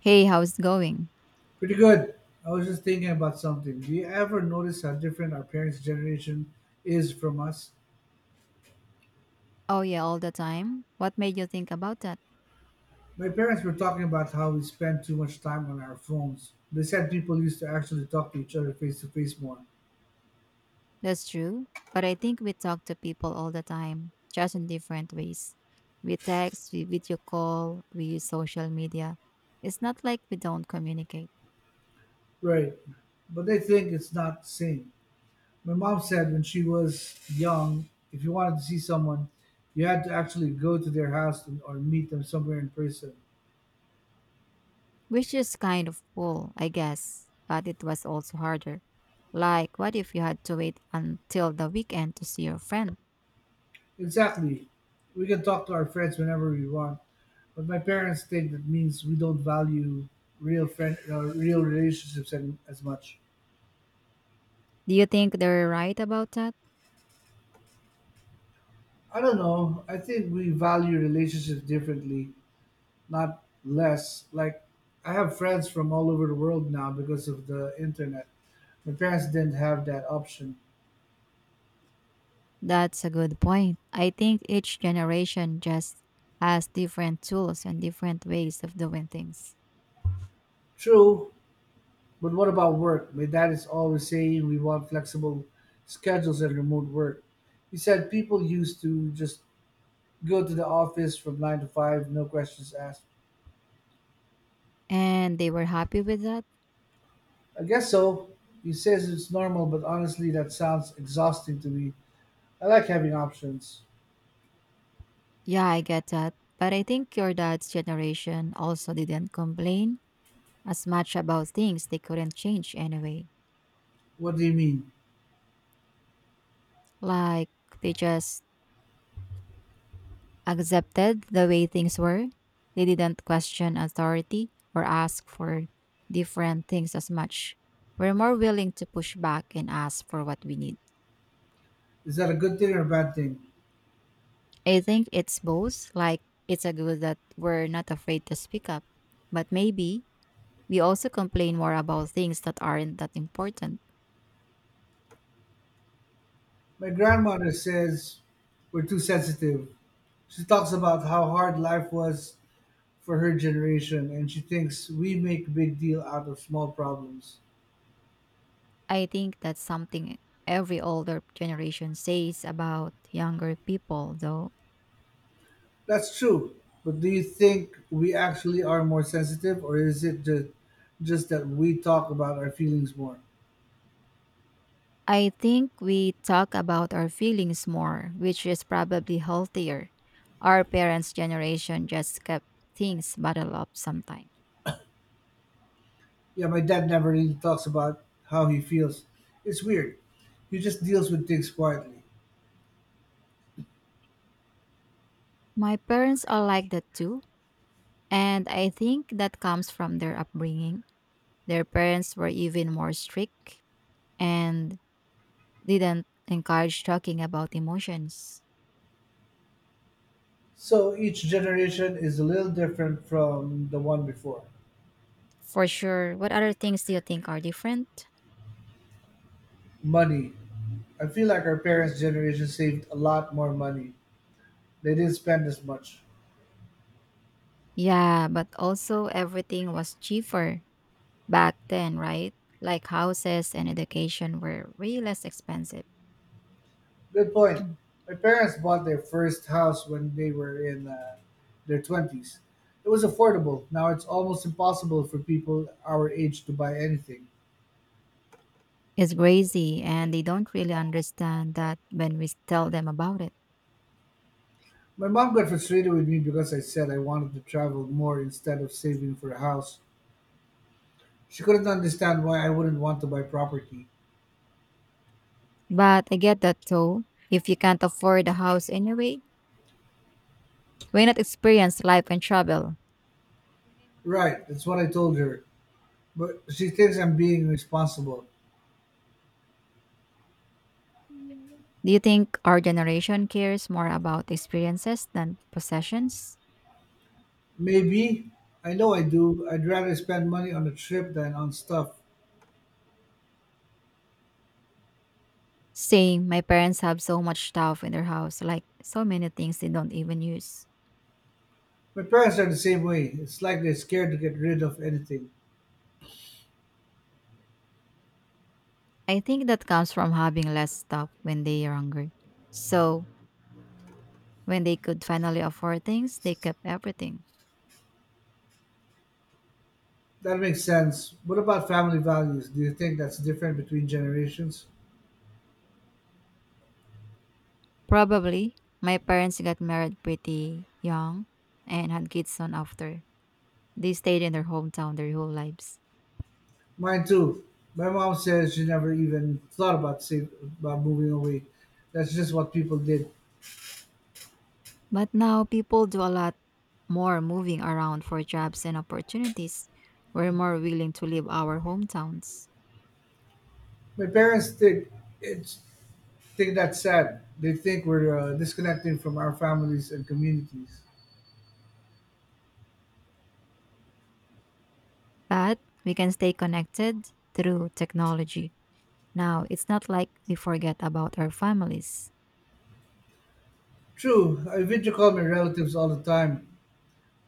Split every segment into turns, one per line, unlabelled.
Hey, how's it going?
Pretty good. I was just thinking about something. Do you ever notice how different our parents' generation is from us?
Oh, yeah, all the time. What made you think about that?
My parents were talking about how we spend too much time on our phones. They said people used to actually talk to each other face to face more.
That's true. But I think we talk to people all the time, just in different ways. We text, we video call, we use social media. It's not like we don't communicate,
Right. But they think it's not the same. My mom said when she was young, if you wanted to see someone, you had to actually go to their house and, or meet them somewhere in person.
which is kind of cool, I guess. But it was also harder. Like, what if you had to wait until the weekend to see your friend?
Exactly. We can talk to our friends whenever we want. But my parents think that means we don't value real as much.
Do you think they're right about that?
I don't know. I think we value relationships differently, not less. Like, I have friends from all over the world now because of the internet. My parents didn't have that option.
That's a good point. I think each generation just has different tools and different ways of doing things.
True, but what about work? My dad is always saying we want flexible schedules and remote work. He said people used to just go to the office from nine to five, no questions asked.
And they were happy with that.
I guess so. He says it's normal, but honestly, that sounds exhausting to me. I like having options.
Yeah, I get that. But I think your dad's generation also didn't complain as much about things they couldn't change anyway.
What do you mean?
Like they just accepted the way things were. They didn't question authority or ask for different things as much. We're more willing to push back and ask for what we need.
Is that a good thing or a bad thing?
I think it's both. Like, it's a good that we're not afraid to speak up. But maybe we also complain more about things that aren't that important.
My grandmother says we're too sensitive. She talks about how hard life was for her generation, and she thinks we make a big deal out of small problems.
I think that's something every older generation says about younger people, though.
That's true, but do you think we actually are more sensitive, or is it just that we talk about our feelings more?
I think we talk about our feelings more, which is probably healthier. Our parents' generation just kept things bottled up sometimes.
Yeah, my dad never really talks about how he feels. It's weird. He just deals with things quietly.
My parents are like that too, and I think that comes from their upbringing. Their parents were even more strict and didn't encourage talking about emotions.
So each generation is a little different from the one before.
For sure. What other things do you think are different?
Money. I feel like our parents' generation saved a lot more money. They didn't spend as much.
Yeah, but also everything was cheaper back then, right? Like houses and education were way less expensive.
Good point. My parents bought their first house when they were in their 20s. It was affordable. Now it's almost impossible for people our age to buy anything.
It's crazy, and they don't really understand that when we tell them about it.
My mom got frustrated with me because I said I wanted to travel more instead of saving for a house. She couldn't understand why I wouldn't want to buy property.
But I get that too. If you can't afford a house anyway, why not experience life and travel? Ingay mo naman.
Right, that's what I told her. But she thinks I'm being responsible.
Do you think our generation cares more about experiences than possessions?
Maybe. I know I do. I'd rather spend money on a trip than on stuff.
Same, my parents have so much stuff in their house, like so many things they don't even use.
My parents are the same way. It's like they're scared to get rid of anything.
I think that comes from having less stuff when they are hungry. So, when they could finally afford things, they kept everything.
That makes sense. What about family values? Do you think that's different between generations?
Probably, my parents got married pretty young and had kids soon after. They stayed in their hometown their whole lives.
Mine too. My mom says she never even about moving away. That's just what people did.
But now people do a lot more moving around for jobs and opportunities. We're more willing to leave our hometowns.
My parents it's think that's sad. They think we're disconnecting from our families and communities.
But we can stay connected through technology. Now, it's not like we forget about our families,
True, I video call my relatives all the time.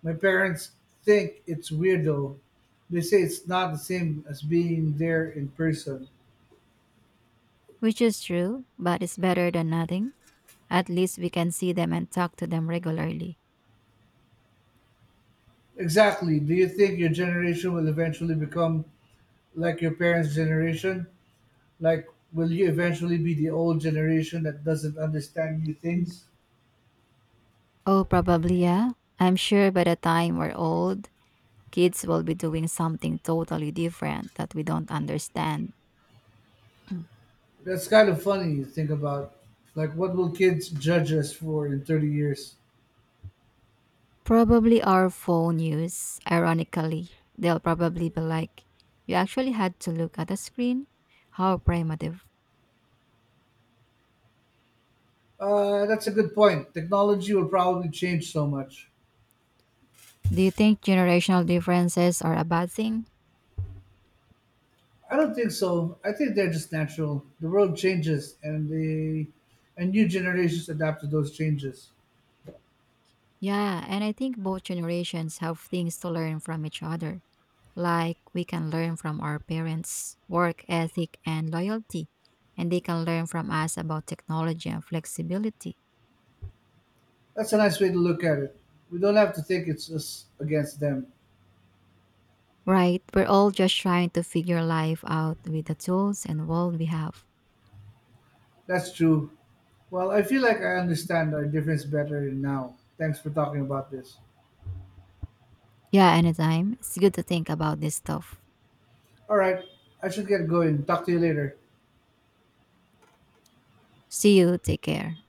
My parents think it's weird though. They say it's not the same as being there in person.
which is true, but it's better than nothing. At least we can see them and talk to them regularly.
Exactly. Do you think your generation will eventually become like your parents' generation? Like, will you eventually be the old generation that doesn't understand new
Mm.
things?
Oh, probably, yeah. I'm sure by the time we're old, kids will be doing something totally different that we don't understand.
That's kind of funny to think about. Like, what will kids judge us for in 30 years?
Probably our phone use, ironically. They'll probably be like, you actually had to look at a screen? How primitive.
That's a good point. Technology will probably change so much.
Do you think generational differences are a bad thing?
I don't think so. I think they're just natural. The world changes, and the and new generations adapt to those changes.
Yeah, and I think both generations have things to learn from each other. Like we can learn from our parents' work ethic and loyalty, and they can learn from us about technology and flexibility.
That's a nice way to look at it. We don't have to think it's us against them.
Right? We're all just trying to figure life out with the tools and world we have.
That's true. Well, I feel like I understand our difference better now. Thanks for talking about this.
Yeah, anytime. It's good to think about this stuff.
All right, I should get going. Talk to you later.
See you. Take care.